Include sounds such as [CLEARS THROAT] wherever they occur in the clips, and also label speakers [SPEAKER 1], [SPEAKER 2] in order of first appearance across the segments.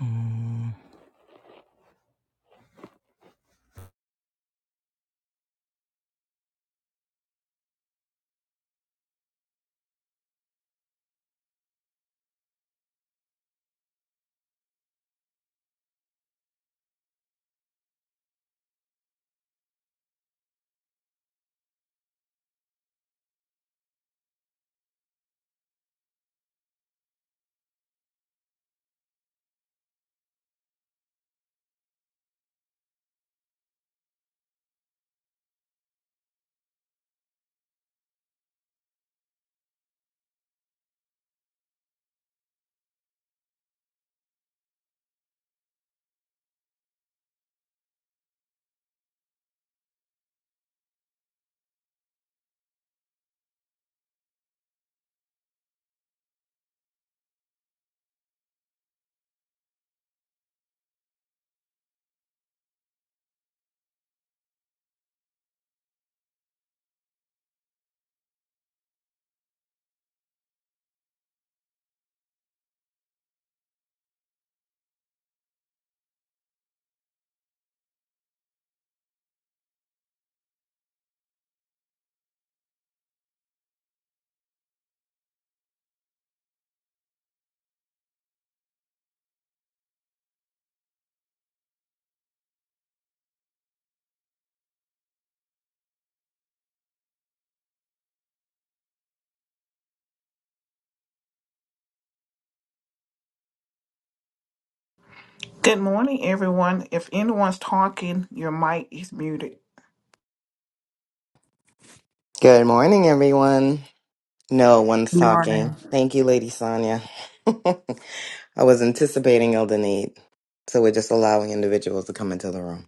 [SPEAKER 1] Mm,
[SPEAKER 2] Good morning, everyone. If anyone's talking, your mic is muted.
[SPEAKER 1] Good morning, everyone. No one's
[SPEAKER 3] Good morning.
[SPEAKER 1] talking. Thank you, Lady Sonia. [LAUGHS] I was anticipating Elden Need, so we're just allowing individuals to come into the room.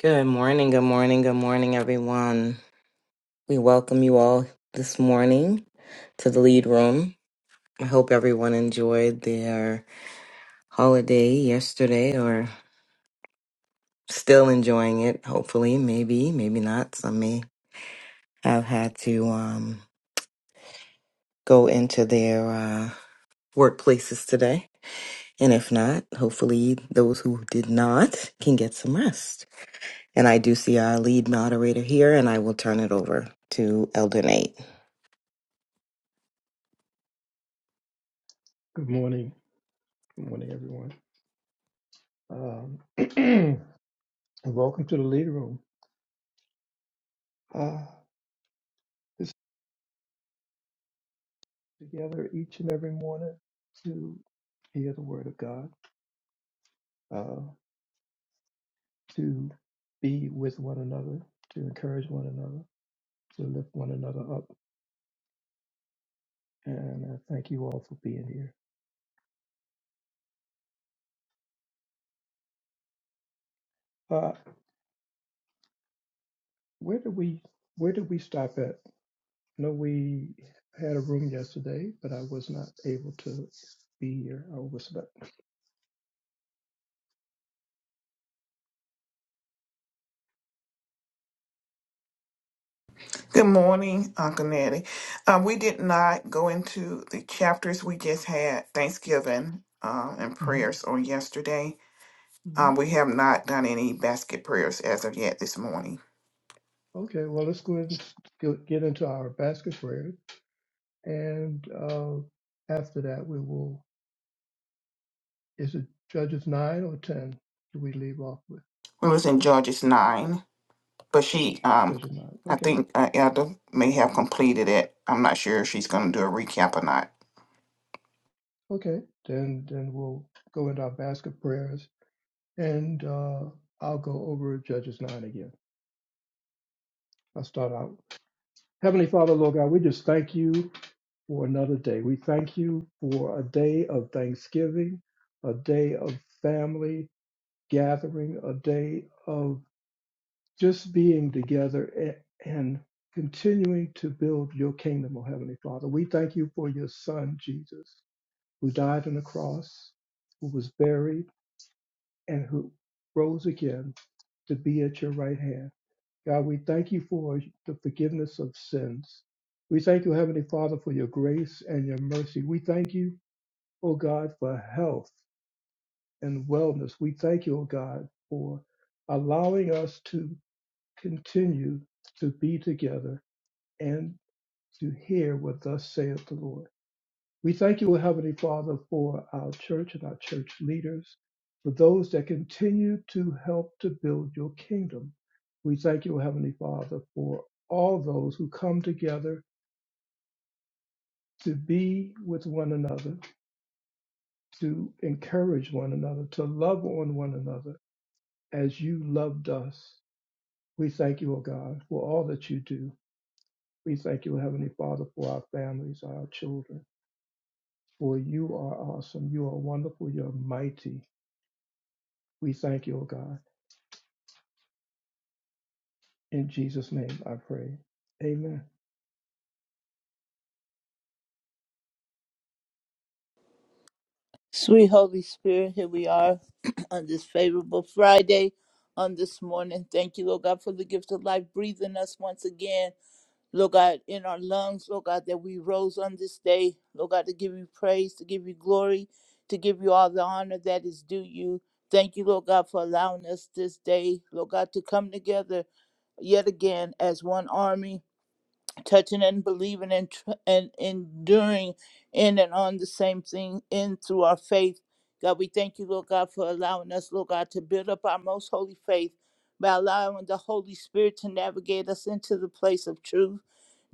[SPEAKER 1] Good morning, good morning, good morning, everyone. We welcome you all this morning to the lead room. I hope everyone enjoyed their holiday yesterday or still enjoying it, hopefully, maybe, maybe not. Some may have had to um, go into their. Uh, workplaces today. And if not, hopefully those who did not can get some rest. And I do see our lead moderator here, and I will turn it over to Elder Nate.
[SPEAKER 4] Good morning. Good morning, everyone. Um, [CLEARS THROAT] and welcome to the Lead Room. Uh, this is together each and every morning to hear the Word of God, uh, to be with one another, to encourage one another, to lift one another up. And I thank you all for being here. Uh, where did we Where did we stop at? No, we had a room yesterday, but I was not able to be here. I overslept.
[SPEAKER 2] Good morning, Uncle Nettie. Um, we did not go into the chapters. We just had Thanksgiving uh, and prayers on yesterday.
[SPEAKER 4] hmm
[SPEAKER 2] Um, we have not done any basket prayers as of yet this morning.
[SPEAKER 4] Okay, well, let's go ahead and get into our basket prayer. And uh, after that, we will, is it Judges 9 or 10? Do we leave off with
[SPEAKER 2] We was in Judges 9, but she, um,
[SPEAKER 4] Judges 9?
[SPEAKER 2] I
[SPEAKER 4] Okay,
[SPEAKER 2] think uh, Elder may have completed it. I'm not sure if she's going to do a recap or not.
[SPEAKER 4] okay. Then, then we'll go into our basket prayers and uh, I'll go over Judges 9 again. I'll start out. Heavenly Father, Lord God, we just thank you for another day. We thank you for a day of thanksgiving, a day of family gathering, a day of just being together and continuing to build your kingdom, O Heavenly Father. We thank you for your Son, Jesus, who died on the cross, who was buried, and who rose again to be at your right hand. God, we thank you for the forgiveness of sins. We thank you, Heavenly Father, for your grace and your mercy. We thank you, O God, for health and wellness. We thank you, O God, for allowing us to continue to be together and to hear what thus saith the Lord. We thank you, O Heavenly Father, for our church and our church leaders, for those that continue to help to build your kingdom. We thank you, O Heavenly Father, for all those who come together to be with one another, to encourage one another, to love on one another as you loved us. We thank you, O God, for all that you do. We thank you, Heavenly Father, for our families, our children. For you are awesome. You are wonderful. You're mighty. We thank you, O God. In Jesus' name I pray. Amen.
[SPEAKER 5] Sweet Holy Spirit, here we are [CLEARS THROAT] on this favorable Friday on this morning. Thank you, Lord God, for the gift of life breathing us once again. Lord God, in our lungs, Lord God, that we rose on this day. Lord God, to give you praise, to give you glory, to give you all the honor that is due you. Thank you, Lord God, for allowing us this day, Lord God, to come together yet again as one army touching and believing and, tr- and enduring in and on the same thing in through our faith. God, we thank you, Lord God, for allowing us, Lord God, to build up our most holy faith by allowing the Holy Spirit to navigate us into the place of truth.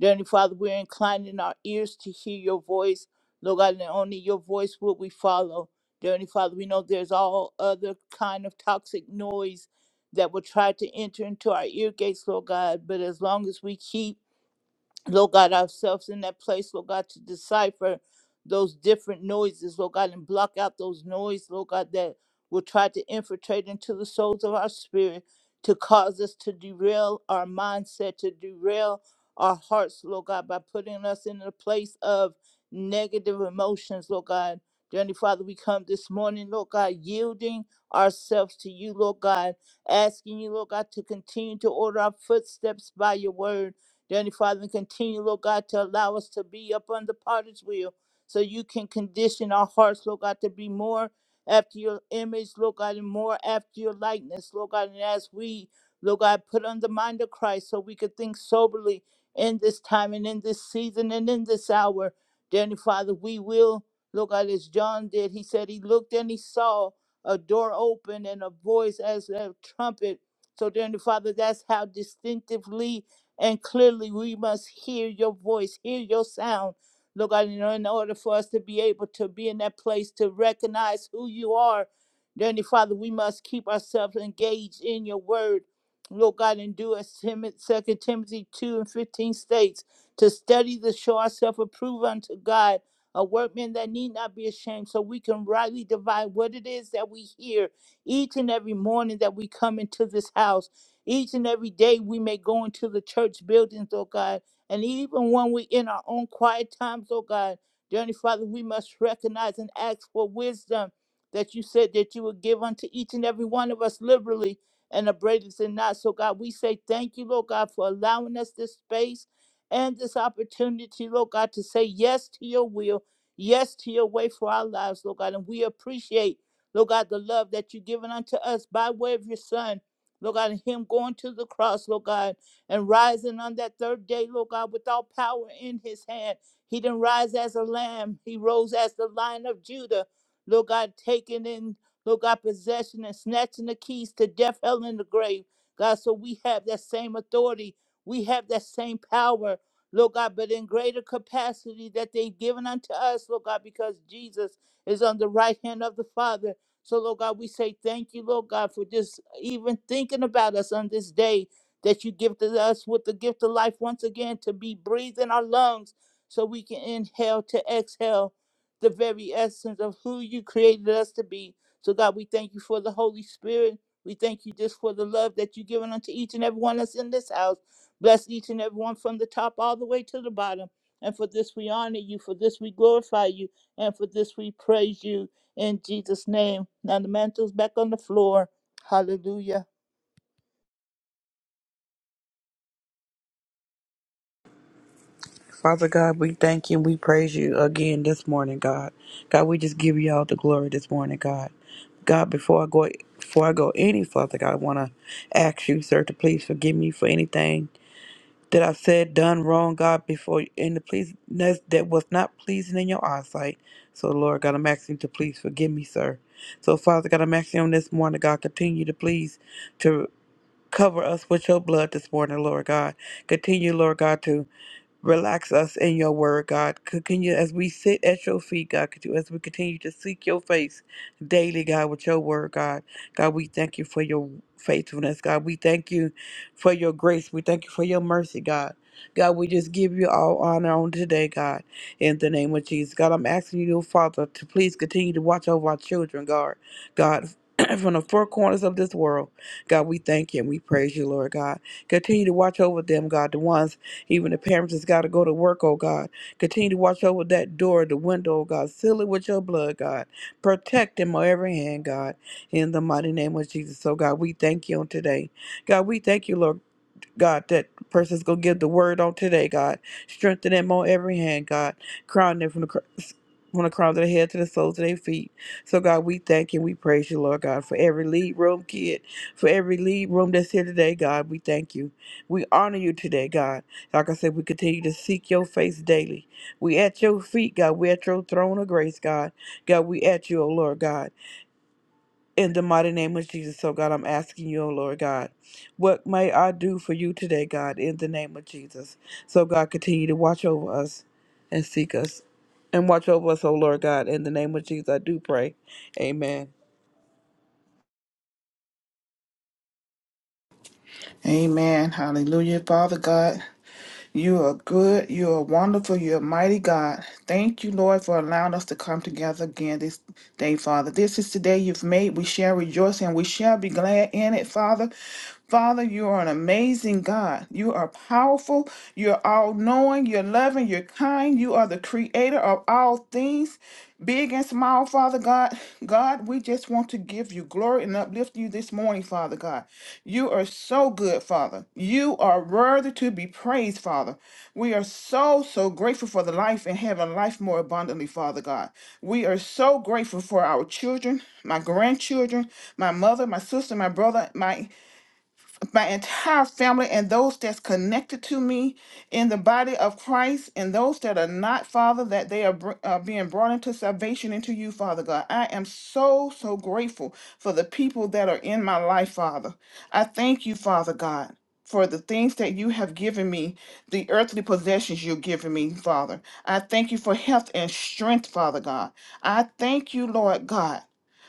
[SPEAKER 5] Dear Heavenly Father, we're inclining our ears to hear your voice. Lord God, and only your voice will we follow. Dear Heavenly Father, we know there's all other kind of toxic noise that will try to enter into our ear gates, Lord God, but as long as we keep Lord God, ourselves in that place, Lord God, to decipher those different noises, Lord God, and block out those noise, Lord God, that will try to infiltrate into the souls of our spirit to cause us to derail our mindset, to derail our hearts, Lord God, by putting us in a place of negative emotions, Lord God. Dearly Father, we come this morning, Lord God, yielding ourselves to you, Lord God, asking you, Lord God, to continue to order our footsteps by your word Dear Heavenly Father, and continue, Lord God, to allow us to be up on the potter's wheel so you can condition our hearts, Lord God, to be more after your image, Lord God, and more after your likeness, Lord God. And as we, Lord God, put on the mind of Christ so we could think soberly in this time and in this season and in this hour. Dear Heavenly Father, we will, Lord God, as John did. He said he looked and he saw a door open and a voice as a trumpet. So, dear Heavenly Father, that's how distinctively and clearly we must hear your voice, hear your sound. Lord God, you know, in order for us to be able to be in that place to recognize who you are, dear Heavenly Father, we must keep ourselves engaged in your word. Lord God, and do as Tim- 2 Timothy 2 and 15 states, to study to show ourselves approved unto God, a workman that need not be ashamed, so we can rightly divide what it is that we hear each and every morning that we come into this house. Each and every day we may go into the church buildings, oh God, and even when we're in our own quiet times, oh God, dear Heavenly Father, we must recognize and ask for wisdom that you said that you would give unto each and every one of us liberally and abradeth and not. So God, we say thank you, Lord God, for allowing us this space and this opportunity, Lord God, to say yes to your will, yes to your way for our lives, Lord God. And we appreciate, Lord God, the love that you've given unto us by way of your Son. Lord God, and him going to the cross, Lord God, and rising on that third day, Lord God, with all power in his hand. He didn't rise as a lamb, he rose as the lion of Judah, Lord God, taking in, Lord God, possession and snatching the keys to death, hell, and the grave. God, so we have that same authority, we have that same power, Lord God, but in greater capacity that they've given unto us, Lord God, because Jesus is on the right hand of the Father. So, Lord God, we say thank you, Lord God, for just even thinking about us on this day that you gifted us with the gift of life once again to be breathed in our lungs so we can inhale to exhale the very essence of who you created us to be. So, God, we thank you for the Holy Spirit. We thank you just for the love that you've given unto each and every one that's in this house. Bless each and every one from the top all the way to the bottom. And for this we honor you, for this we glorify you, and for this we praise you in Jesus' name. Now the mantle's back on the floor. Hallelujah.
[SPEAKER 3] Father God, we thank you and we praise you again this morning, God. God, we just give you all the glory this morning, God. God, before I go before I go any further, God, I wanna ask you, sir, to please forgive me for anything that I've said, done wrong, God, before and to please that that was not pleasing in your eyesight. So Lord God, I'm asking you to please forgive me, sir. So Father God, I'm asking you on this morning, God, continue to please to cover us with your blood this morning, Lord God. Continue, Lord God, to Relax us in your word, God. Continue as we sit at your feet, God. Continue as we continue to seek your face daily, God, with your word, God. God, we thank you for your faithfulness, God. We thank you for your grace. We thank you for your mercy, God. God, we just give you all honor on today, God, in the name of Jesus. God, I'm asking you, Father, to please continue to watch over our children, God. God, [CLEARS THROAT] from the four corners of this world, God, we thank you and we praise you, Lord God. Continue to watch over them, God, the ones even the parents that's got to go to work, oh God. Continue to watch over that door, the window, oh God. Seal it with your blood, God. Protect them on every hand, God. In the mighty name of Jesus, oh God, we thank you on today. God, we thank you, Lord. God, that person's going to give the word on today, God. Strengthen them on every hand, God. Crown them from the, cr- from the crown of their head to the soles of their feet. So, God, we thank you. we praise you, Lord God, for every lead room kid, for every lead room that's here today, God. We thank you. We honor you today, God. Like I said, we continue to seek your face daily. We at your feet, God. We at your throne of grace, God. God, we at you, O Lord God. In the mighty name of Jesus, oh God, I'm asking you, oh Lord God, what may I do for you today, God, in the name of Jesus? So, God, continue to watch over us and seek us and watch over us, oh Lord God, in the name of Jesus, I do pray. Amen.
[SPEAKER 2] Amen. Hallelujah, Father God. You are good. You are wonderful. You are mighty God. Thank you, Lord, for allowing us to come together again this day, Father. This is the day you've made. We shall rejoice and we shall be glad in it, Father. Father, you are an amazing God. You are powerful. You're all knowing. You're loving. You're kind. You are the creator of all things, big and small, Father God. God, we just want to give you glory and uplift you this morning, Father God. You are so good, Father. You are worthy to be praised, Father. We are so, so grateful for the life and having life more abundantly, Father God. We are so grateful for our children, my grandchildren, my mother, my sister, my brother, my my entire family and those that's connected to me in the body of Christ and those that are not, Father, that they are br- uh, being brought into salvation into you, Father God. I am so, so grateful for the people that are in my life, Father. I thank you, Father God. For the things that you have given me, the earthly possessions you've given me, Father. I thank you for health and strength, Father God. I thank you, Lord God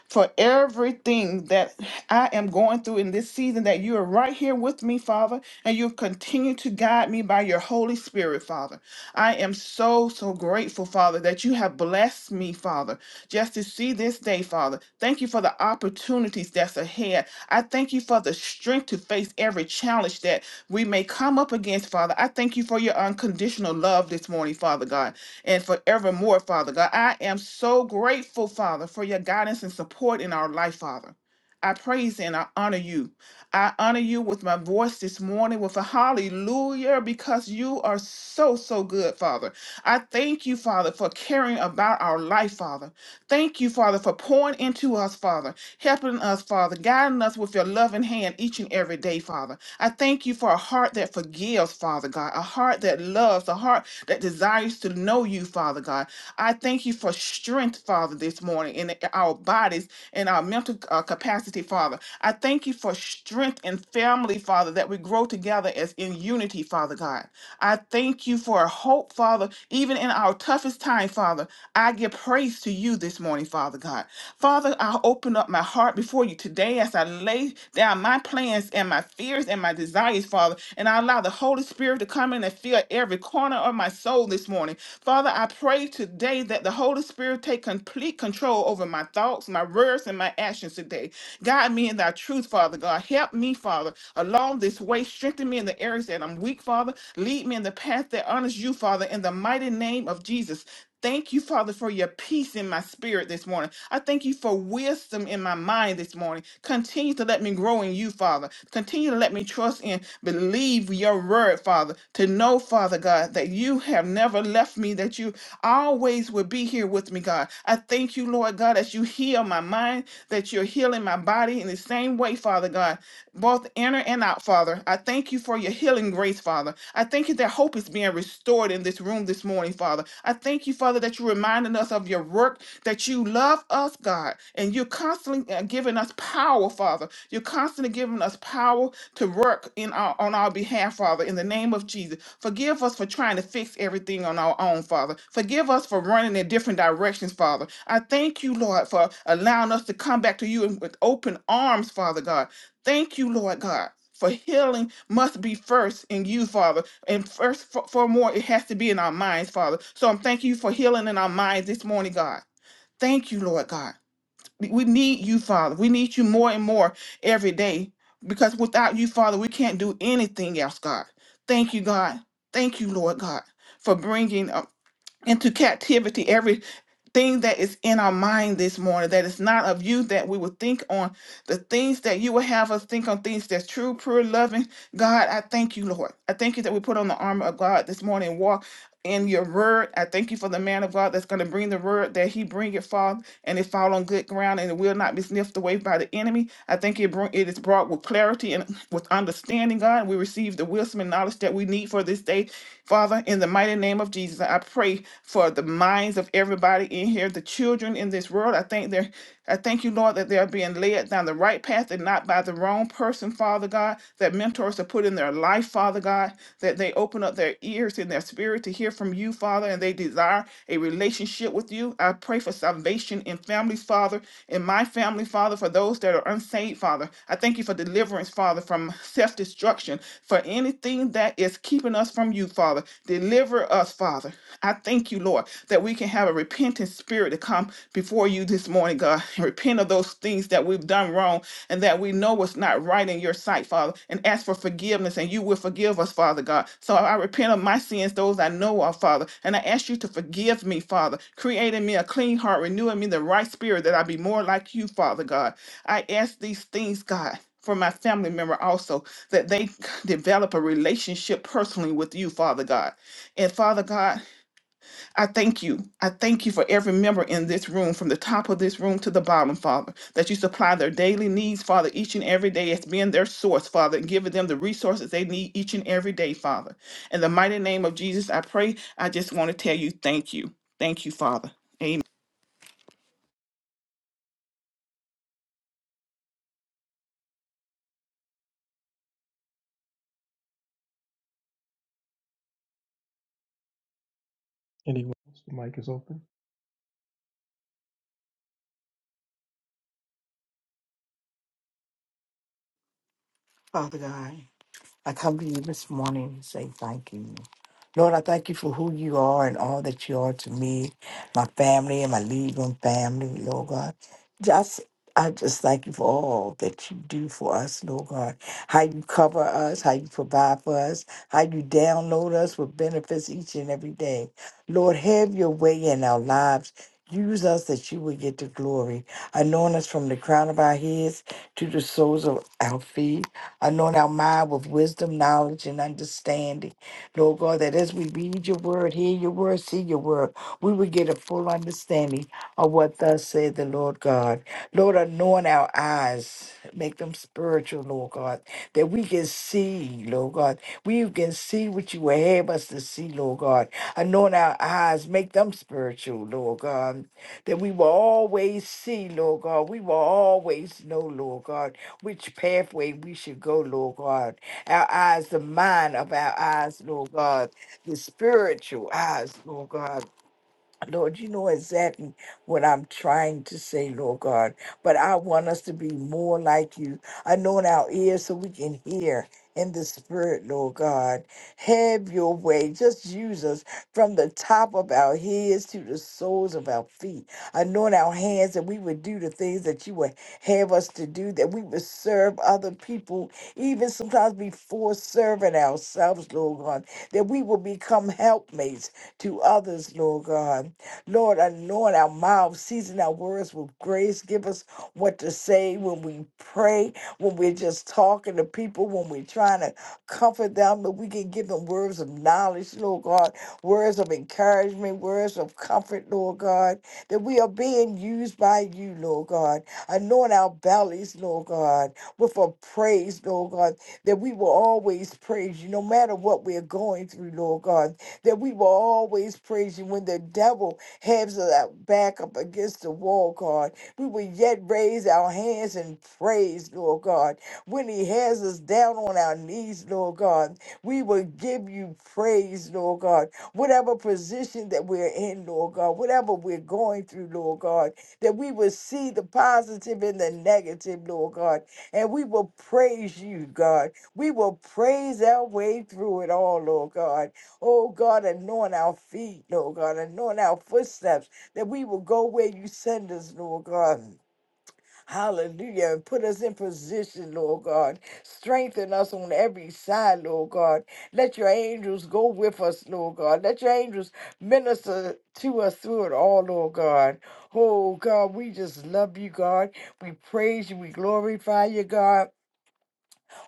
[SPEAKER 2] for everything that I am going through in this season, that you are right here with me, Father, and you continue to guide me by your Holy Spirit, Father. I am so, so grateful, Father, that you have blessed me, Father, just to see this day, Father. Thank you for the opportunities that's ahead. I thank you for the strength to face every challenge that we may come up against, Father. I thank you for your unconditional love this morning, Father God and forevermore, Father God. I am so grateful, Father, for your guidance and support in our life, Father. I praise and I honor you. I honor you with my voice this morning with a hallelujah because you are so, so good, Father. I thank you, Father, for caring about our life, Father. Thank you, Father, for pouring into us, Father helping us, Father, guiding us with your loving hand each and every day, Father. I thank you for a heart that forgives, Father God, a heart that loves, a heart that desires to know you, Father God. I thank you for strength, Father, this morning in our bodies and our mental uh, capacity, Father. I thank you for strength and family, Father, that we grow together as in unity, Father God. I thank you for hope, Father, even in our toughest time, Father. I give praise to you this morning, Father God. Father, I open up my heart before you today as I lay down my plans and my fears and my desires, Father, and I allow the Holy Spirit to come in and fill every corner of my soul this morning. Father, I pray today that the Holy Spirit take complete control over my thoughts, my words, and my actions today. Guide me in thy truth, Father God. Help me, Father, along this way. Strengthen me in the areas that I'm weak, Father. Lead me in the path that honors you, Father, in the mighty name of Jesus. Thank you, Father, for your peace in my spirit this morning. I thank you for wisdom in my mind this morning. Continue to let me grow in you, Father. Continue to let me trust and believe your word, Father. To know, Father God, that you have never left me, that you always will be here with me, God. I thank you, Lord God, that you heal my mind, that you're healing my body in the same way, Father God both inner and out, Father. I thank you for your healing grace, Father. I thank you that hope is being restored in this room this morning, Father. I thank you, Father, that you're reminding us of your work, that you love us, God, and you're constantly uh, giving us power, Father. You're constantly giving us power to work in our, on our behalf, Father, in the name of Jesus. Forgive us for trying to fix everything on our own, Father. Forgive us for running in different directions, Father. I thank you, Lord, for allowing us to come back to you in- with open arms, Father God. Thank you, Lord God, for healing must be first in you, Father. And first, for, for more, it has to be in our minds, Father. So I'm thanking you for healing in our minds this morning, God. Thank you, Lord God. We we need you, Father. We need you more and more every day because without you, Father, we can't do anything else, God. Thank you, God. Thank you, Lord God, for bringing uh, into captivity every thing that is in our mind this morning that is not of you that we would think on the things that you would have us think on things that's true pure loving god i thank you lord i thank you that we put on the armor of god this morning and walk in your word i thank you for the man of god that's going to bring the word that he bring it forth and it fall on good ground and it will not be sniffed away by the enemy i think it, bring, it is brought with clarity and with understanding god we receive the wisdom and knowledge that we need for this day father in the mighty name of jesus i pray for the minds of everybody in here, the children in this world. I think they're I thank you, Lord, that they're being led down the right path and not by the wrong person, Father God, that mentors are put in their life, Father God, that they open up their ears and their spirit to hear from you, Father, and they desire a relationship with you. I pray for salvation in families, Father, in my family, Father. Father, for those that are unsaved, Father. I thank you for deliverance, Father, from self destruction, for anything that is keeping us from you, Father. Deliver us, Father. I thank you, Lord, that we can have a repentant spirit to come before you this morning, God, and repent of those things that we've done wrong and that we know what's not right in your sight, Father, and ask for forgiveness, and you will forgive us, Father God. So I repent of my sins, those I know of, Father, and I ask you to forgive me, Father, creating me a clean heart, renewing me the right spirit, that I be more like you, Father God. I ask these things, God. For my family member, also, that they develop a relationship personally with you, Father God. And Father God, I thank you. I thank you for every member in this room, from the top of this room to the bottom, Father, that you supply their daily needs, Father, each and every day as being their source, Father, and giving them the resources they need each and every day, Father. In the mighty name of Jesus, I pray. I just want to tell you thank you. Thank you, Father. Amen.
[SPEAKER 4] Anyone else? The mic is open.
[SPEAKER 6] Father God, I come to you this morning and say thank you. Lord, I thank you for who you are and all that you are to me, my family, and my legal family, Lord God. Just I just thank you for all that you do for us, Lord God. How you cover us, how you provide for us, how you download us with benefits each and every day. Lord, have your way in our lives. Use us that you will get the glory. Anoint us from the crown of our heads to the soles of our feet. Anoint our mind with wisdom, knowledge, and understanding. Lord God, that as we read your word, hear your word, see your word, we will get a full understanding of what thus said the Lord God. Lord, anoint our eyes, make them spiritual, Lord God, that we can see, Lord God. We can see what you will have us to see, Lord God. Anoint our eyes, make them spiritual, Lord God, that we will always see, Lord God. We will always know, Lord God which pathway we should go, Lord God. Our eyes, the mind of our eyes, Lord God, the spiritual eyes, Lord God. Lord, you know exactly what I'm trying to say, Lord God. But I want us to be more like you. Anoint our ears so we can hear in the spirit, Lord God. Have your way. Just use us from the top of our heads to the soles of our feet. Anoint our hands that we would do the things that you would have us to do, that we would serve other people, even sometimes before serving ourselves, Lord God, that we will become helpmates to others, Lord God. Lord, anoint our mouths, season our words with grace. Give us what to say when we pray, when we're just talking to people, when we're trying to comfort them, that we can give them words of knowledge, Lord God, words of encouragement, words of comfort, Lord God, that we are being used by you, Lord God. Anoint our bellies, Lord God, with a praise, Lord God, that we will always praise you no matter what we're going through, Lord God, that we will always praise you when the devil heads of our back up against the wall, God. We will yet raise our hands in praise, Lord God. When He has us down on our knees, Lord God, we will give you praise, Lord God. Whatever position that we're in, Lord God, whatever we're going through, Lord God, that we will see the positive and the negative, Lord God, and we will praise you, God. We will praise our way through it all, Lord God. Oh God, anoint our feet, Lord God, anoint our footsteps that we will go where you send us, Lord God. Hallelujah. And put us in position, Lord God. Strengthen us on every side, Lord God. Let your angels go with us, Lord God. Let your angels minister to us through it all, Lord God. Oh God, we just love you, God. We praise you. We glorify you, God.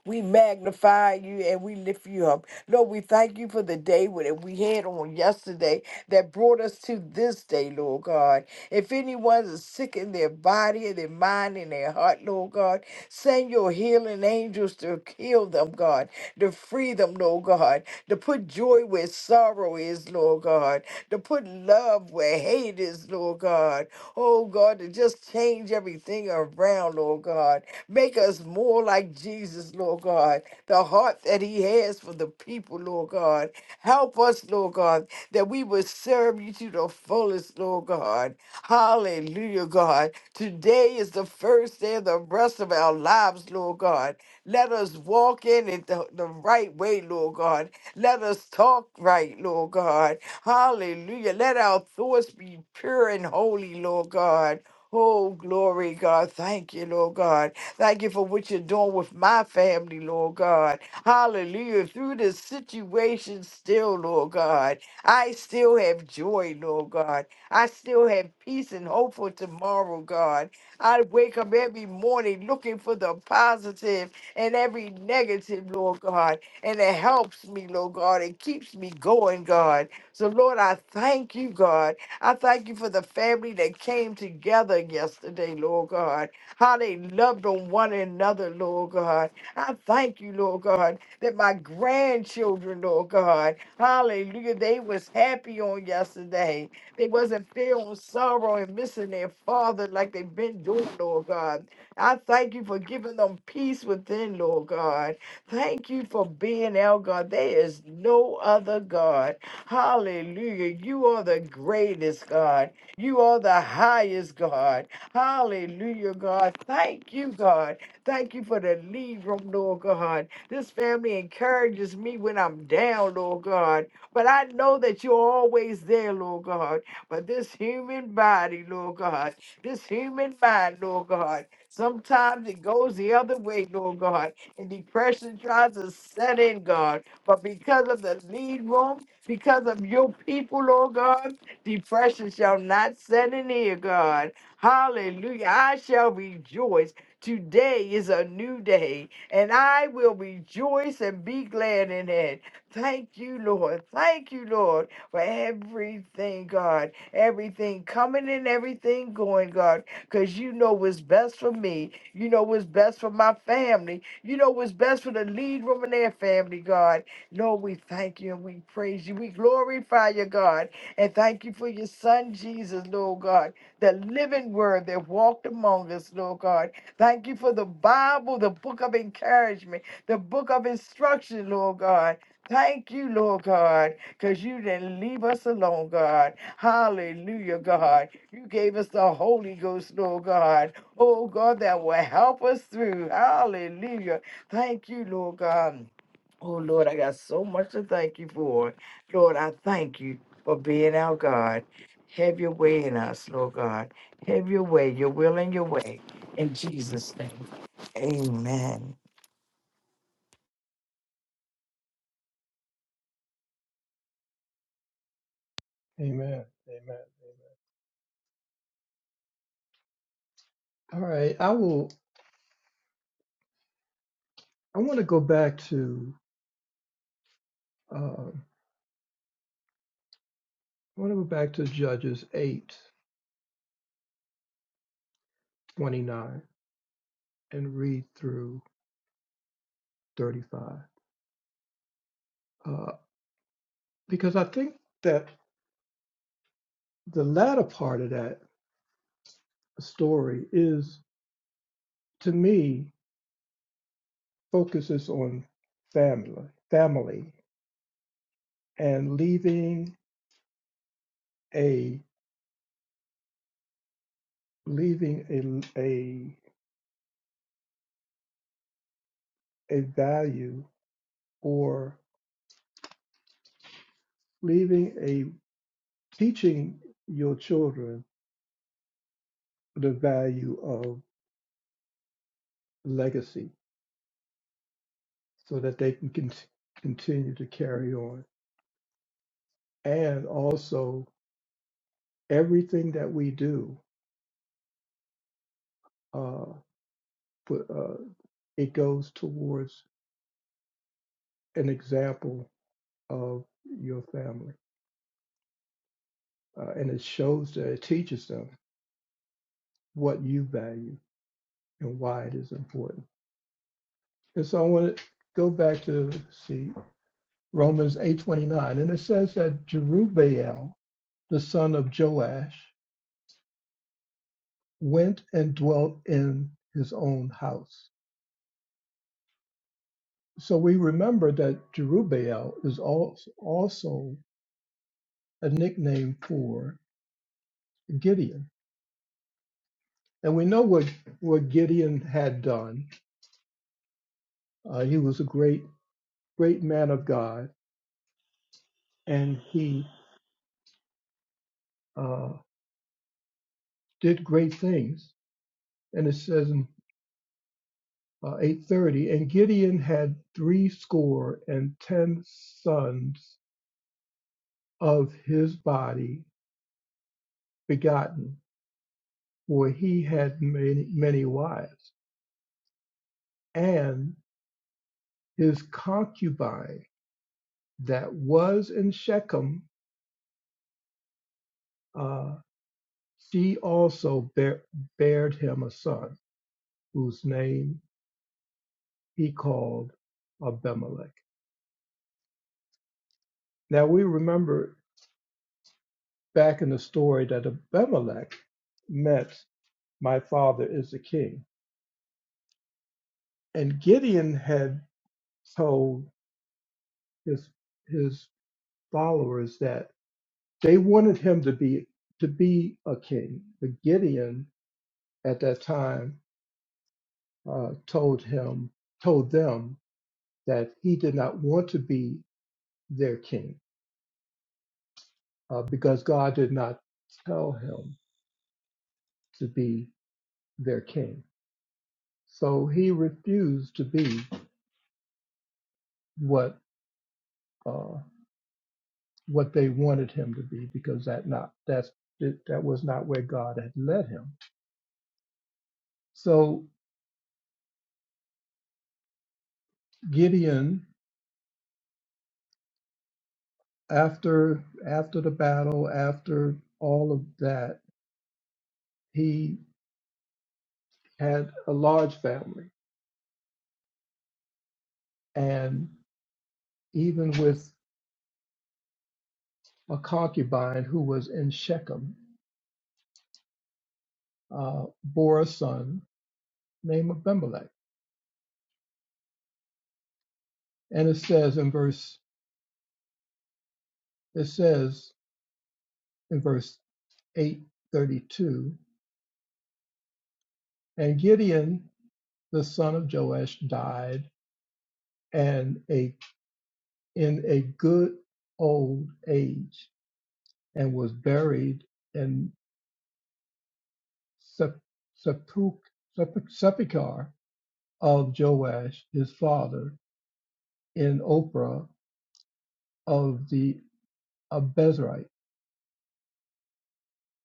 [SPEAKER 6] We magnify you and we lift you up. Lord, we thank you for the day that we had on yesterday that brought us to this day, Lord God. If anyone is sick in their body, their mind, and their heart, Lord God, send your healing angels to heal them, God, to free them, Lord God, to put joy where sorrow is, Lord God, to put love where hate is, Lord God. Oh God, to just change everything around, Lord God. Make us more like Jesus, Lord God. The heart that He has for the people, Lord God. Help us, Lord God, that we would serve you to the fullest, Lord God. Hallelujah, God. Today is the first day of the rest of our lives, Lord God. Let us walk in it the, the right way, Lord God. Let us talk right, Lord God. Hallelujah. Let our thoughts be pure and holy, Lord God. Oh, glory, God. Thank you, Lord God. Thank you for what you're doing with my family, Lord God. Hallelujah. Through this situation, still, Lord God, I still have joy, Lord God. I still have peace and hope for tomorrow, God. I wake up every morning looking for the positive and every negative, Lord God. And it helps me, Lord God. It keeps me going, God. So, Lord, I thank you, God. I thank you for the family that came together yesterday, Lord God how they loved on one another, Lord God. I thank you, Lord God, that my grandchildren, Lord God, hallelujah, they was happy on yesterday. They wasn't feeling sorrow and missing their father like they've been doing, Lord God. I thank you for giving them peace within, Lord God. Thank you for being our God. There is no other God. Hallelujah. You are the greatest God. You are the highest God. Hallelujah, God. Thank you, God. Thank you for the lead room, Lord God. This family encourages me when I'm down, Lord God. But I know that you're always there, Lord God. But this human body, Lord God, this human mind, Lord God, sometimes it goes the other way, Lord God. And depression tries to set in, God. But because of the lead room, because of your people, Lord God, depression shall not set in here, God. Hallelujah. I shall rejoice. Today is a new day, and I will rejoice and be glad in it. Thank you, Lord. Thank you, Lord, for everything, God. Everything coming and everything going, God, because you know what's best for me. You know what's best for my family. You know what's best for the lead room and their family, God. Lord, we thank you and we praise you. We glorify you, God. And thank you for your son, Jesus, Lord God the living word that walked among us, Lord God. Thank you for the Bible, the book of encouragement, the book of instruction, Lord God. Thank you, Lord God, because you didn't leave us alone, God. Hallelujah, God. You gave us the Holy Ghost, Lord God. Oh, God, that will help us through. Hallelujah. Thank you, Lord God. Oh, Lord, I got so much to thank you for. Lord, I thank you for being our God. Have your way in us, Lord God. Have your way, your will and your way. In Jesus' name. Amen.
[SPEAKER 4] Amen. Amen. Amen. All right. I will I want to go back to um I want to go back to Judges eight twenty nine and read through 35. Uh, because I think that the latter part of that story is to me focuses on family, family, and leaving a leaving a a a value or leaving a teaching your children the value of legacy so that they can con- continue to carry on and also everything that we do uh, put, uh, it goes towards an example of your family uh, and it shows that it teaches them what you value and why it is important. And so I want to go back to see Romans 8:29, and it says that Jerubbaal, the son of Joash, went and dwelt in his own house. So we remember that Jerubbaal is al- also a nickname for Gideon, and we know what what Gideon had done. Uh, he was a great great man of God, and he uh, did great things and it says in uh, 830 and gideon had three score and ten sons of his body begotten for he had many, many wives and his concubine that was in shechem uh, she also bare, bared him a son whose name he called abimelech now we remember back in the story that abimelech met. my father is the king. And Gideon had told his his followers that they wanted him to be to be a king, but Gideon at that time uh, told him told them that he did not want to be their king uh, because God did not tell him to be their king. So he refused to be what uh, what they wanted him to be because that not that's that was not where God had led him. So Gideon, after after the battle, after all of that, he had a large family, and even with a concubine who was in Shechem, uh, bore a son named Abimelech. And it says in verse it says in verse eight thirty two, and Gideon the son of Joash died and a in a good old age and was buried in sep- sepulch sepul- sepulchre of Joash his father in Ophrah of the Abezrite.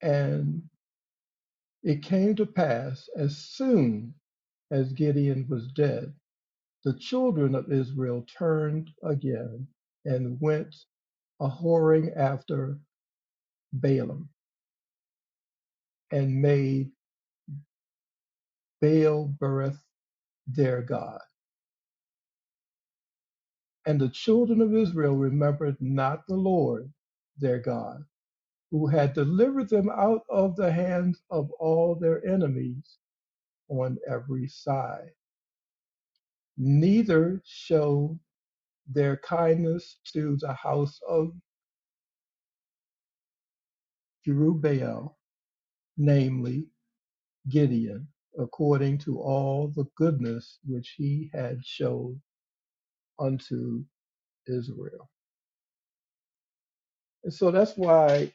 [SPEAKER 4] And it came to pass as soon as Gideon was dead, the children of Israel turned again and went a whoring after Balaam and made Baal Berith. their God. And the children of Israel remembered not the Lord their God, who had delivered them out of the hands of all their enemies on every side. Neither showed their kindness to the house of Jerubbaal, namely Gideon, according to all the goodness which he had showed unto Israel. And so that's why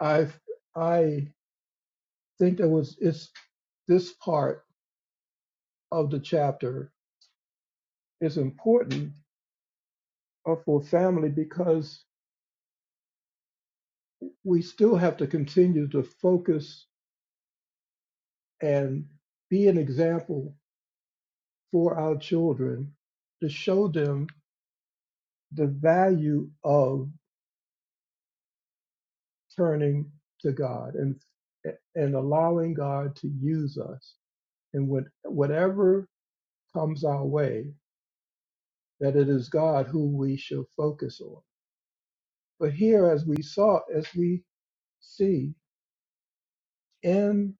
[SPEAKER 4] I I think that was it's this part of the chapter is important uh, for family because we still have to continue to focus and be an example for our children to show them the value of turning to God and and allowing God to use us and what whatever comes our way that it is God who we shall focus on. But here as we saw as we See, in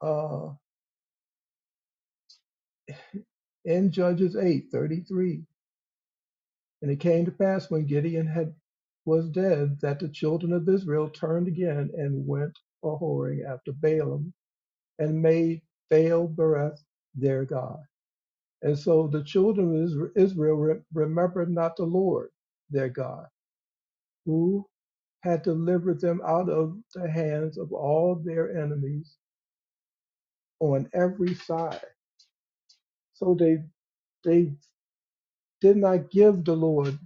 [SPEAKER 4] uh, in Judges eight thirty three, and it came to pass when Gideon had was dead that the children of Israel turned again and went a whoring after Balaam and made Baal Bereth their god. And so the children of Israel re- remembered not the Lord their God, who had delivered them out of the hands of all their enemies on every side. So they they did not give the Lord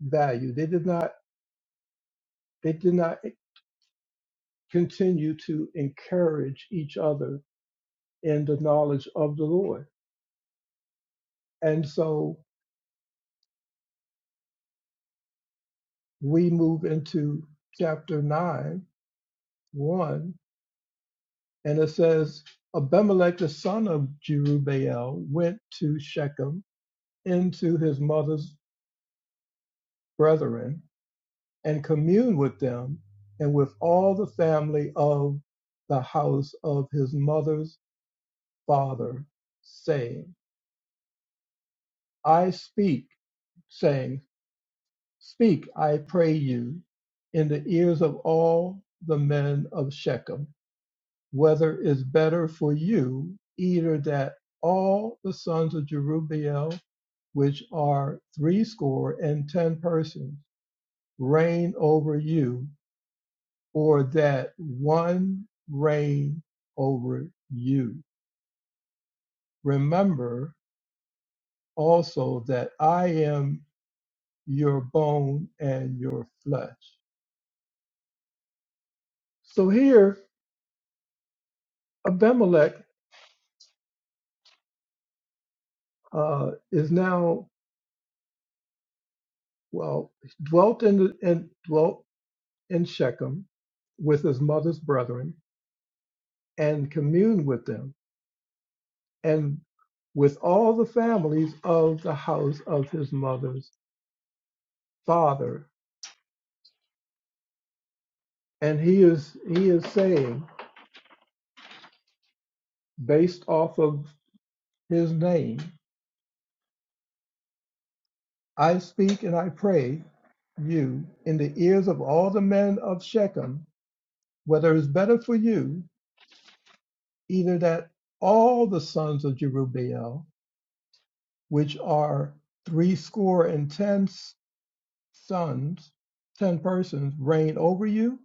[SPEAKER 4] value. They did not they did not continue to encourage each other in the knowledge of the Lord. And so we move into chapter nine, one, and it says Abimelech the son of Jerubbaal went to Shechem into his mother's brethren and communed with them and with all the family of the house of his mother's father, saying I speak, saying, Speak, I pray you, in the ears of all the men of Shechem, whether it's better for you either that all the sons of Jerubbaal, which are threescore and ten persons, reign over you, or that one reign over you. Remember also that I am your bone and your flesh. So here, Abimelech uh, is now well dwelt in, the, in dwelt in Shechem with his mother's brethren and communed with them and with all the families of the house of his mother's father. And he is he is saying, based off of his name, I speak and I pray you in the ears of all the men of Shechem, whether it's better for you either that all the sons of Jerubbaal, which are threescore and ten sons, ten persons, reign over you,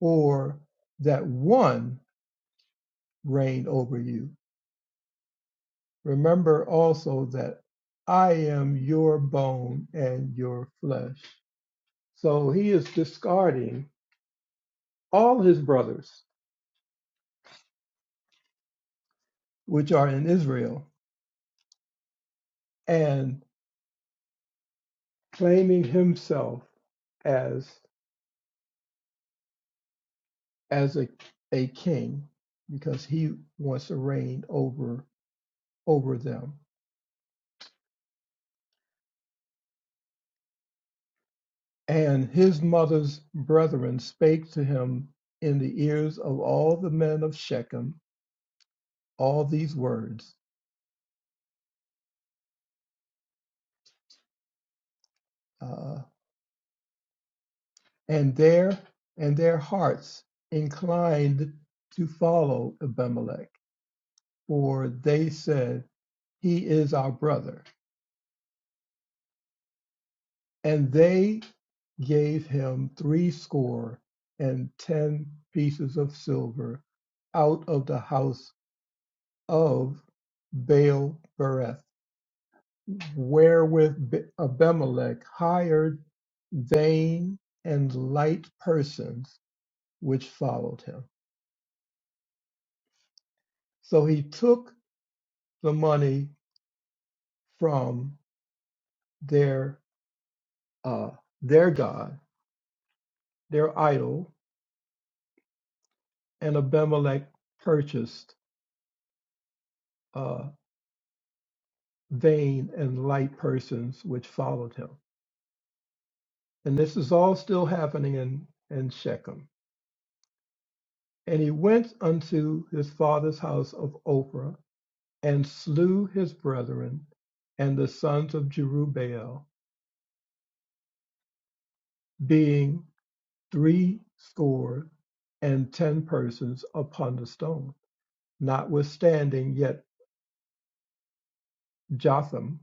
[SPEAKER 4] or that one reign over you. Remember also that I am your bone and your flesh. So he is discarding all his brothers, which are in Israel, and claiming himself as. as a, a king because he wants to reign over over them. And his mother's brethren spake to him in the ears of all the men of Shechem all these words, uh, and their and their hearts inclined to follow Abimelech, for they said, He is our brother. And they gave him three score and ten pieces of silver out of the house of Baal Bereth, wherewith Abimelech hired vain and light persons which followed him. So he took the money from their uh, their god, their idol, and Abimelech purchased. uh, vain and light persons which followed him. And this is all still happening in, in Shechem. And he went unto his father's house of Ophrah and slew his brethren and the sons of Jerubbaal, being three score and ten persons upon the stone. Notwithstanding, yet Jotham,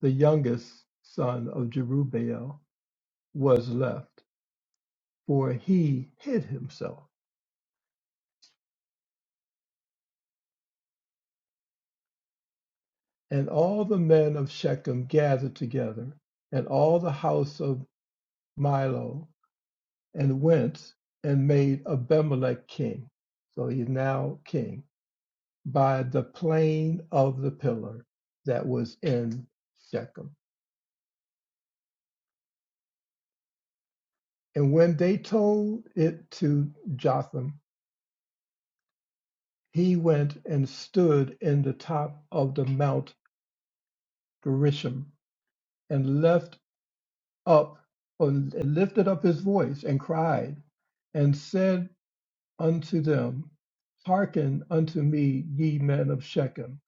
[SPEAKER 4] the youngest son of Jerubbaal, was left, for he hid himself. And all the men of Shechem gathered together, and all the house of Milo, and went and made Abimelech king. So he's now king by the plain of the pillar that was in Shechem. And when they told it to Jotham, he went and stood in the top of the Mount Gerishom and left up and lifted up his voice and cried and said unto them, Hearken unto me, ye men of Shechem,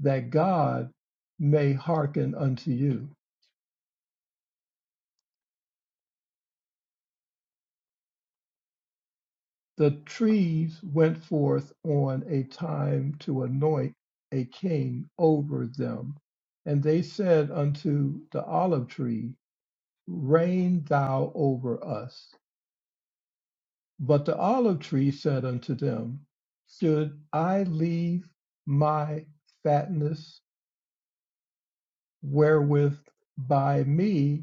[SPEAKER 4] that God may hearken unto you. The trees went forth on a time to anoint a king over them. And they said unto the olive tree, Reign thou over us. But the olive tree said unto them, Should I leave my fatness wherewith by me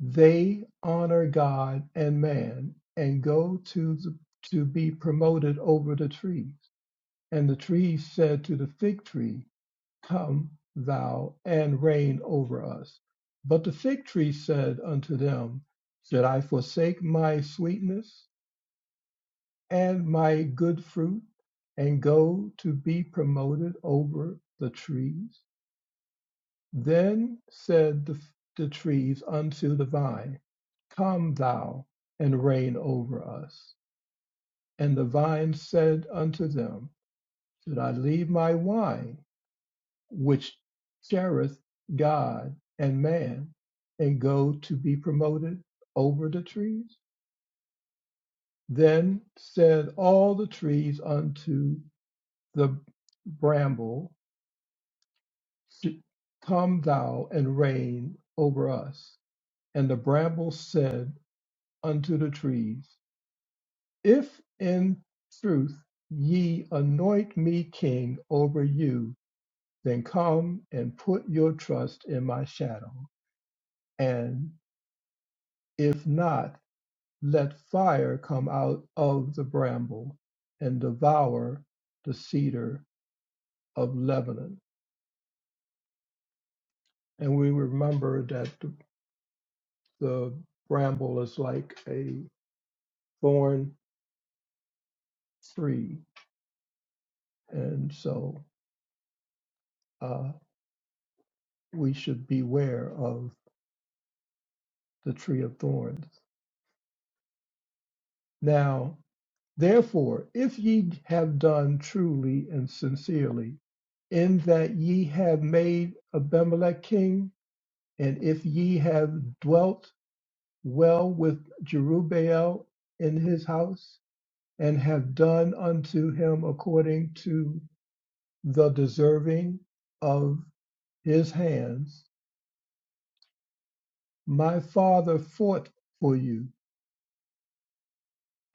[SPEAKER 4] They honor God and man and go to the, to be promoted over the trees. And the trees said to the fig tree, Come thou and reign over us. But the fig tree said unto them, Should I forsake my sweetness and my good fruit and go to be promoted over the trees? Then said the, the trees unto the vine, Come thou and reign over us. And the vine said unto them, Should I leave my wine, which cherisheth God and man, and go to be promoted over the trees? Then said all the trees unto the bramble, Come thou and reign over us. And the bramble said, unto the trees, If in truth ye anoint me king over you, then come and put your trust in my shadow. And if not, let fire come out of the bramble and devour the cedar of Lebanon. And we remember that the, the bramble is like a thorn tree. And so uh, we should beware of. the tree of thorns. Now, therefore, if ye have done truly and sincerely, in that ye have made Abimelech king, and if ye have dwelt well with Jerubbaal in his house, and have done unto him according to the deserving of his hands, my father fought for you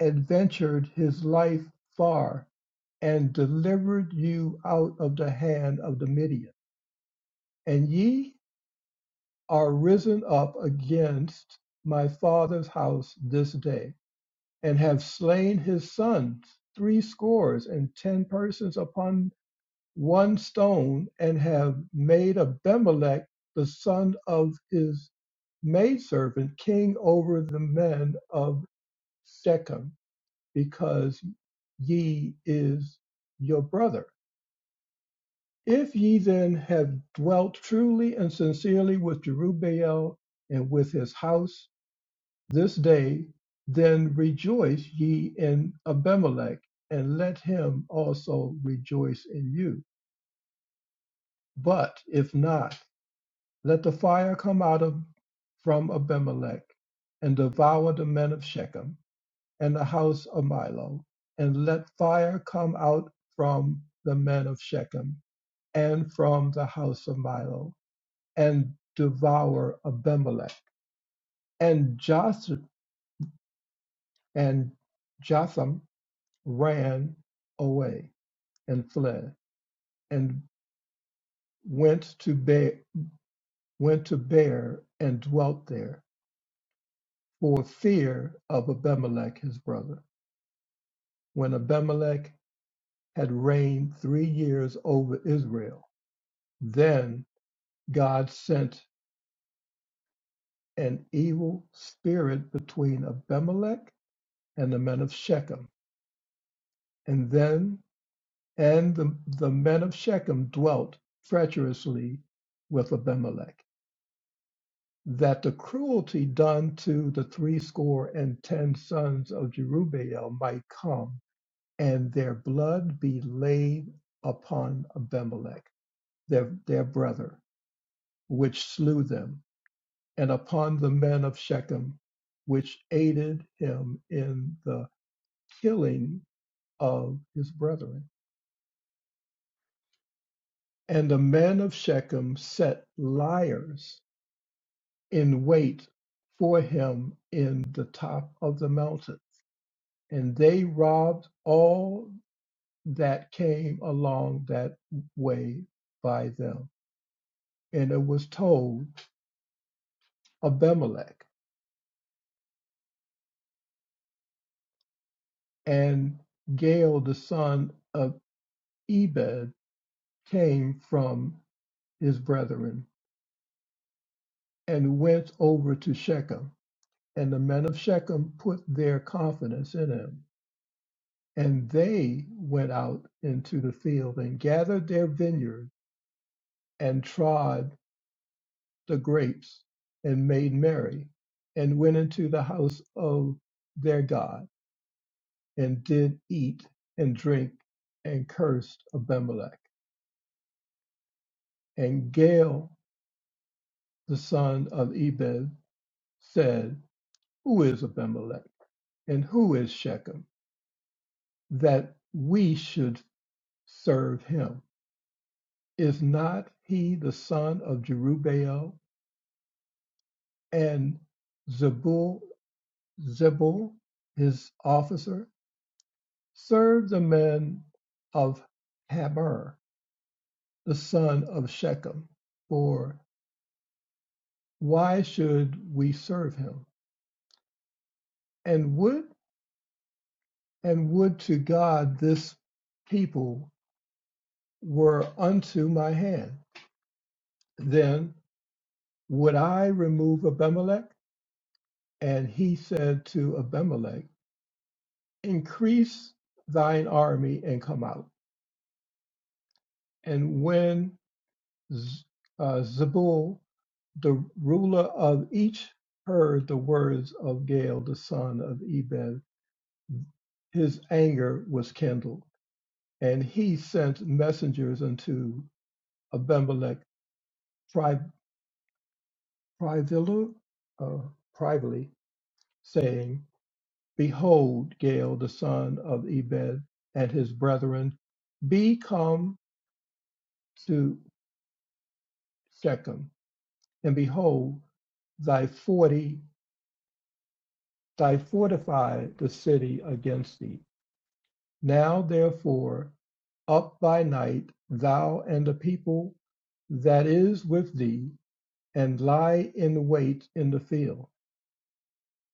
[SPEAKER 4] and ventured his life far, and delivered you out of the hand of the Midian. And ye are risen up against my father's house this day, and have slain his sons, three scores and ten persons upon one stone, and have made Abimelech the son of his maidservant king over the men of Shechem. because ye is your brother. If ye then have dwelt truly and sincerely with Jerubbaal and with his house this day, then rejoice ye in Abimelech, and let him also rejoice in you. But if not, let the fire come out of from Abimelech and devour the men of Shechem and the house of Milo, and let fire come out from the men of Shechem and from the house of Milo, and devour Abimelech. And Jos and Jotham ran away and fled, and went to Bear, went to Bear and dwelt there for fear of Abimelech his brother. When Abimelech had reigned three years over Israel, then God sent an evil spirit between Abimelech and the men of Shechem, and then and the, the men of Shechem dwelt treacherously with Abimelech. That the cruelty done to the threescore and ten sons of Jerubbaal might come, and their blood be laid upon Abimelech, their, their brother, which slew them and upon the men of Shechem, which aided him in the killing of his brethren. And the men of Shechem set liars in wait for him in the top of the mountain, and they robbed all that came along that way by them. And it was told Abimelech and Gael the son of Ebed came from his brethren, and went over to Shechem. And the men of Shechem put their confidence in him. And they went out into the field and gathered their vineyard and trod the grapes and made merry and went into the house of their God and did eat and drink and cursed Abimelech. And Gael, the son of Ebed, said, Who is Abimelech and who is Shechem? that we should serve him. Is not he the son of Jerubbaal and Zebul, Zebul his officer? Serve the men of Haber, the son of Shechem, for why should we serve him? And would and would to God this people were unto my hand. Then would I remove Abimelech And he said to Abimelech, Increase thine army and come out. And when Z- uh, Zebul, the ruler of each, heard the words of Gael, the son of Ebed, his anger was kindled. And he sent messengers unto Abimelech pri- privily, uh, privately, saying, Behold, Gael, the son of Ebed, and his brethren, be come to Shechem, and behold, thy forty, thy fortify the city against thee. Now therefore, up by night, thou and the people that is with thee, and lie in wait in the field.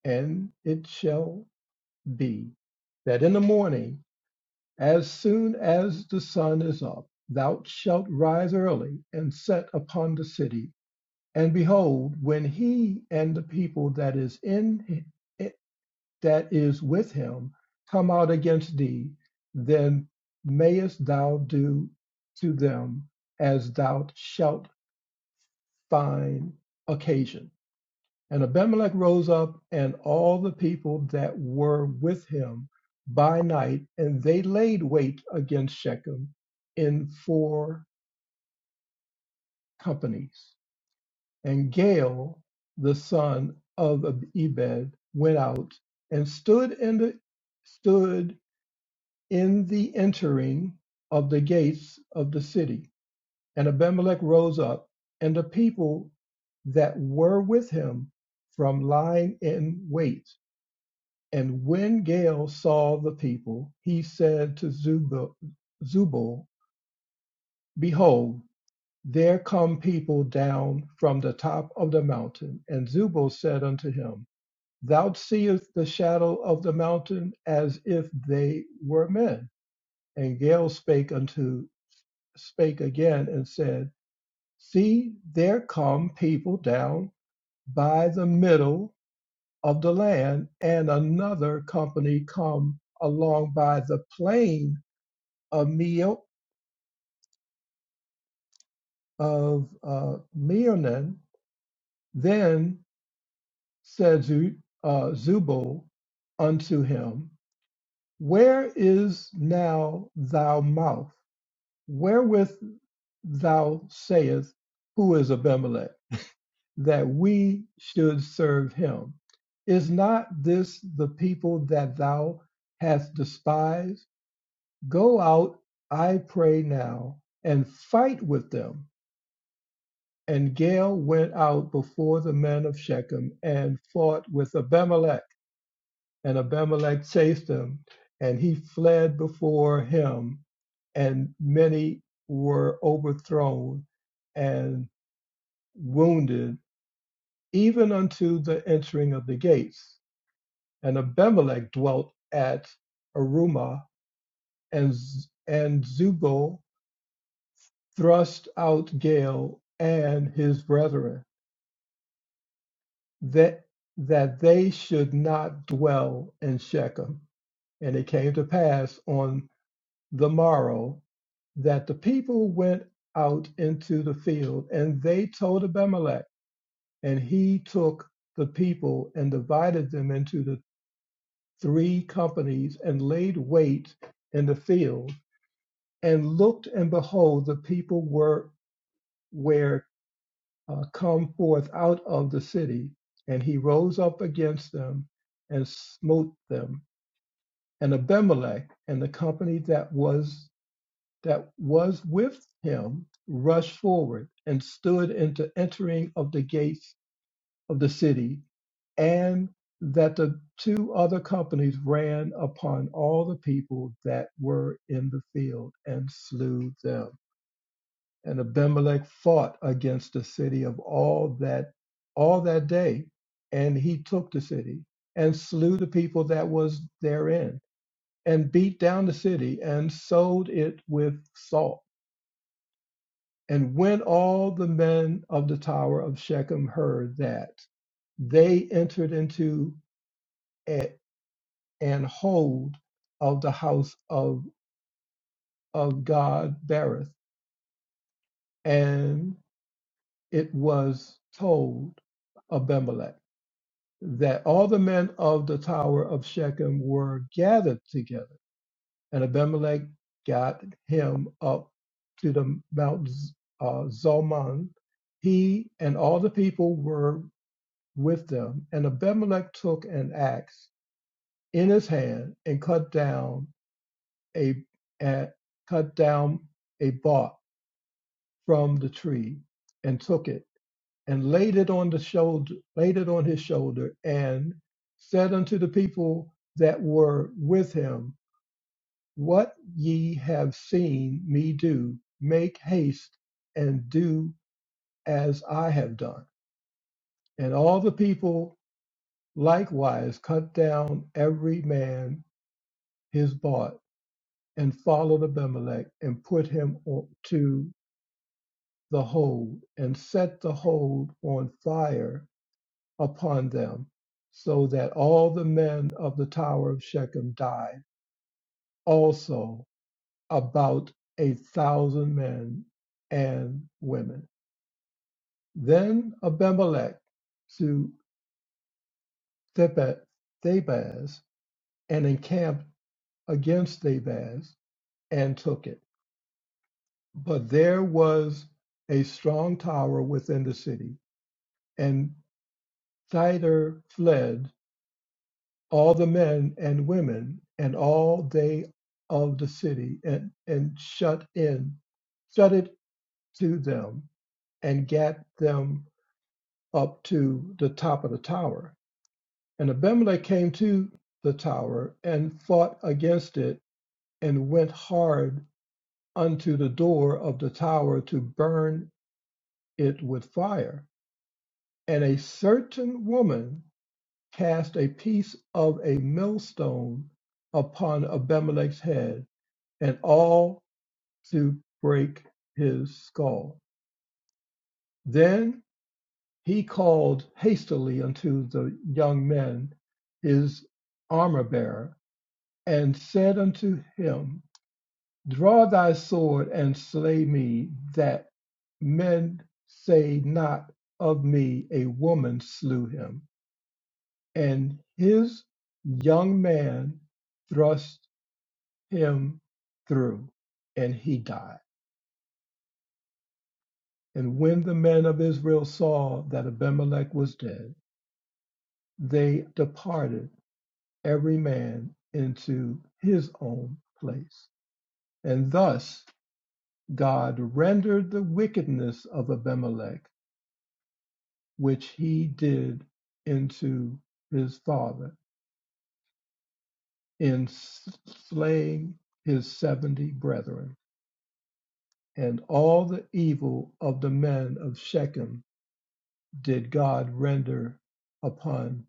[SPEAKER 4] And it shall be that in the morning, as soon as the sun is up, thou shalt rise early and set upon the city And behold, when he and the people that is in that is with him come out against thee, then mayest thou do to them as thou shalt find occasion. And Abimelech rose up and all the people that were with him by night, and they laid wait against Shechem in four companies. And Gaal, the son of Ebed, went out and stood in the stood in the entering of the gates of the city. And Abimelech rose up, and the people that were with him from lying in wait. And when Gaal saw the people, he said to Zubal, Zubal, Behold, there come people down from the top of the mountain. And Zubal said unto him, Thou seest the shadow of the mountain as if they were men. And Gael spake unto spake again and said, See, there come people down by the middle of the land, and another company come along by the plain of Meo of uh, Meonan. Then said Zu, uh, Zubal unto him, Where is now thy mouth? Wherewith thou sayest, Who is Abimelech, that we should serve him? Is not this the people that thou hast despised? Go out, I pray now, and fight with them. And Gael went out before the men of Shechem and fought with Abimelech. And Abimelech chased him, and he fled before him, and many were overthrown and wounded, even unto the entering of the gates. And Abimelech dwelt at Arumah, and, and Zubal thrust out Gael and his brethren, that, that they should not dwell in Shechem. And it came to pass on the morrow that the people went out into the field and they told Abimelech, and he took the people and divided them into the three companies and laid wait in the field and looked and behold, the people were were uh, come forth out of the city, and he rose up against them and smote them. And Abimelech and the company that was that was with him rushed forward and stood into entering of the gates of the city, and that the two other companies ran upon all the people that were in the field and slew them. And Abimelech fought against the city of all that all that day, and he took the city and slew the people that was therein, and beat down the city and sold it with salt And when all the men of the tower of Shechem heard that, they entered into a, an hold of the house of, of God Berith, and it was told Abimelech that all the men of the tower of Shechem were gathered together, and Abimelech got him up to the Mount Z- uh, Zalmon. He and all the people were with them. And Abimelech took an axe in his hand and cut down a, a cut down a bark from the tree and took it and laid it on the shoulder laid it on his shoulder and said unto the people that were with him, What ye have seen me do, make haste and do as I have done. And all the people likewise cut down every man his bart, and followed Abimelech, and put him on, to the hold, and set the hold on fire upon them, so that all the men of the tower of Shechem died, also about a thousand men and women. Then Abimelech to Theba- Thebaz, and encamped against Thebaz, and took it. But there was a strong tower within the city, and thither fled all the men and women, and all they of the city, and, and shut in, shut it to them, and gat them up to the top of the tower. And Abimelech came to the tower and fought against it, and went hard unto the door of the tower to burn it with fire. And a certain woman cast a piece of a millstone upon Abimelech's head, and all to break his skull. Then he called hastily unto the young men, his armor bearer, and said unto him, Draw thy sword and slay me, that men say not of me, a woman slew him. And his young man thrust him through, and he died. And when the men of Israel saw that Abimelech was dead, they departed every man into his own place. And thus God rendered the wickedness of Abimelech, which he did into his father, in slaying his 70 brethren. And all the evil of the men of Shechem did God render upon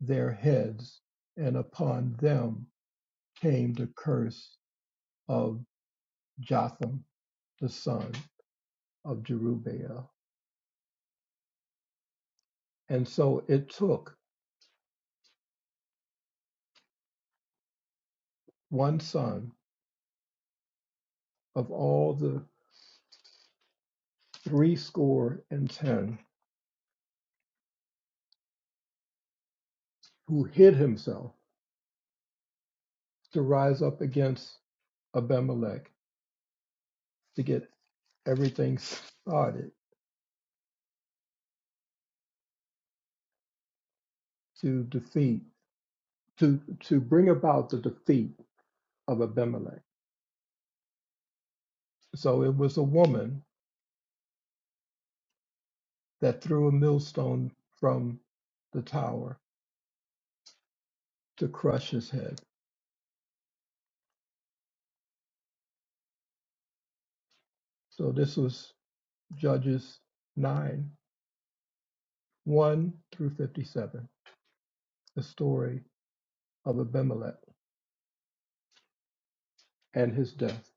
[SPEAKER 4] their heads, and upon them came the curse of Jotham, the son of Jerubbaal. And so it took one son of all the threescore and ten who hid himself to rise up against Abimelech to get everything started to defeat to to bring about the defeat of Abimelech. So it was a woman that threw a millstone from the tower to crush his head. So this was Judges 9, 1 through 57, the story of Abimelech and his death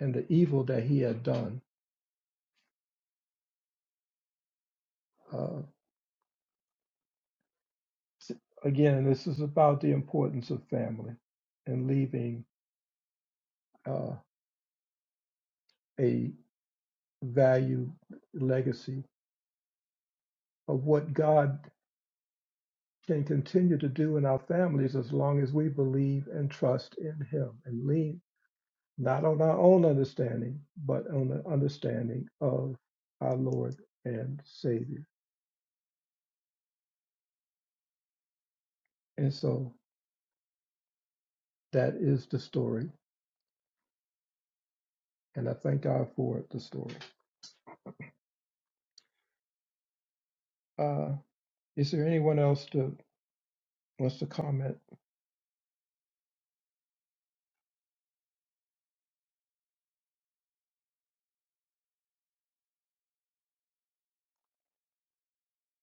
[SPEAKER 4] and the evil that he had done. Uh, again, this is about the importance of family and leaving uh, a valued legacy of what God can continue to do in our families as long as we believe and trust in Him and lean not on our own understanding, but on the understanding of our Lord and Savior. And so that is the story, and I thank God for the story. Uh, is there anyone else that wants to comment?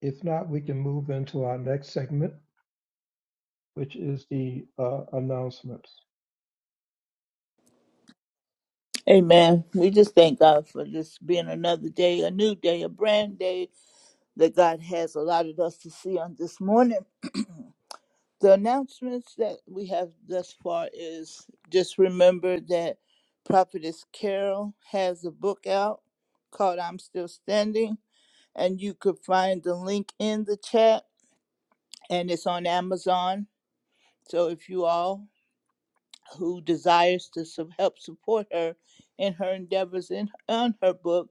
[SPEAKER 4] If not, we can move into our next segment, which is the uh, announcements.
[SPEAKER 5] Amen. We just thank God for this being another day, a new day, a brand day that God has allotted us to see on this morning. The announcements that we have thus far is just remember that Prophetess Carol has a book out called I'm Still Standing, and you could find the link in the chat, and it's on Amazon. So if you all who desires to su- help support her in her endeavors in on her book,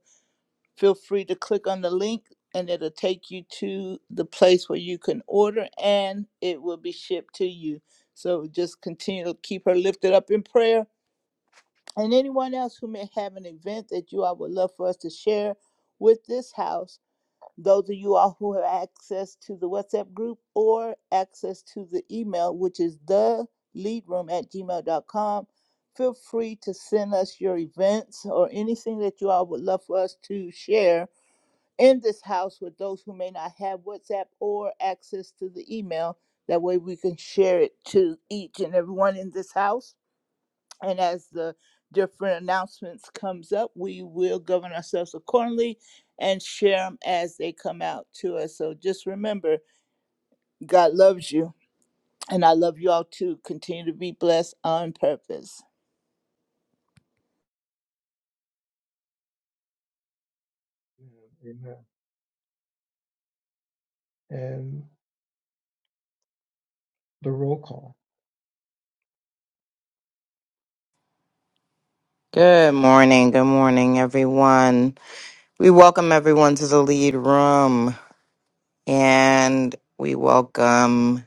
[SPEAKER 5] feel free to click on the link and it'll take you to the place where you can order and it will be shipped to you. So just continue to keep her lifted up in prayer. And anyone else who may have an event that you all would love for us to share with this house those of you all who have access to the WhatsApp group or access to the email, which is the leadroom at gmail.com, feel free to send us your events or anything that you all would love for us to share in this house with those who may not have WhatsApp or access to the email. That way we can share it to each and everyone in this house and as the different announcements comes up we will govern ourselves accordingly and share them as they come out to us so just remember god loves you and i love you all too continue to be blessed on purpose
[SPEAKER 4] Amen. And the roll call.
[SPEAKER 1] Good morning. Good morning, everyone. We welcome everyone to the lead room, and we welcome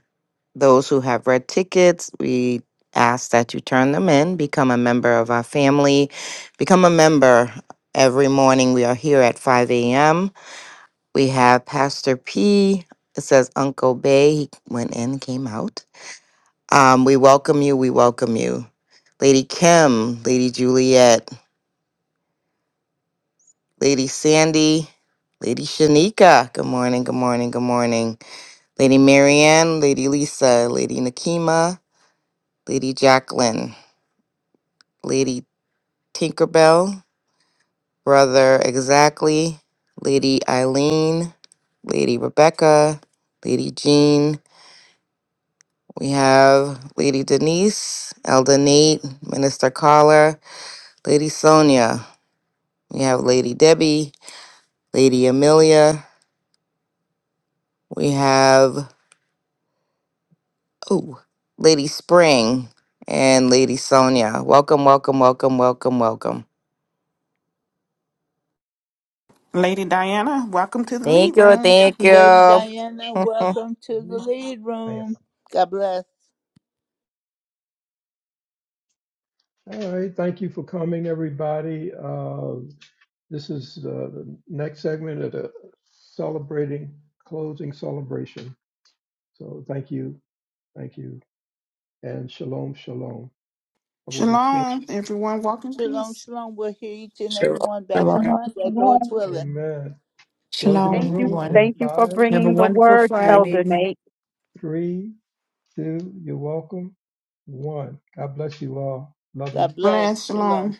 [SPEAKER 1] those who have red tickets. We ask that you turn them in, become a member of our family, become a member. Every morning we are here at 5 a.m. We have Pastor P. It says Uncle Bay. He went in, came out. Um, we welcome you. We welcome you. Lady Kim, Lady Juliet, Lady Sandy, Lady Shanika. Good morning. Good morning. Good morning. Lady Marianne, Lady Lisa, Lady Nakima, Lady Jacqueline, Lady Tinkerbell, Brother Exactly, Lady Eileen, Lady Rebecca, Lady Jean, We have Lady Denise, Elder Nate, Minister Carla, Lady Sonia. We have Lady Debbie, Lady Amelia. We have, oh, Lady Spring and Lady Sonia. Welcome, welcome, welcome, welcome, welcome.
[SPEAKER 2] Lady Diana, welcome to the lead
[SPEAKER 1] Thank you,
[SPEAKER 2] room.
[SPEAKER 1] thank
[SPEAKER 5] lady diana
[SPEAKER 1] you. [LAUGHS]
[SPEAKER 5] welcome to the lead room god bless
[SPEAKER 4] All right, thank you for coming, everybody. Uh, This is uh, the next segment of the celebrating, closing celebration. So thank you, thank you, and shalom, shalom. I will be closing.
[SPEAKER 2] Shalom, everyone. Walk in
[SPEAKER 5] Shalom,
[SPEAKER 2] peace.
[SPEAKER 5] shalom. We'll hear each and every one back
[SPEAKER 3] Shalom.
[SPEAKER 5] on
[SPEAKER 7] Shalom,
[SPEAKER 5] Monday, Lord's
[SPEAKER 7] shalom.
[SPEAKER 5] willing.
[SPEAKER 4] Amen. Closing the
[SPEAKER 6] Shalom,
[SPEAKER 7] Thank you.
[SPEAKER 4] room
[SPEAKER 6] everyone.
[SPEAKER 4] in
[SPEAKER 7] Thank you for
[SPEAKER 4] five,
[SPEAKER 6] Have a
[SPEAKER 7] bringing the
[SPEAKER 6] wonderful
[SPEAKER 7] word,
[SPEAKER 4] four,
[SPEAKER 7] Elder
[SPEAKER 6] Friday.
[SPEAKER 7] Nate.
[SPEAKER 4] three, two. You're welcome. One. God bless you all. Love you.
[SPEAKER 5] God bless.
[SPEAKER 2] Blessed
[SPEAKER 5] Shalom.
[SPEAKER 2] shalom.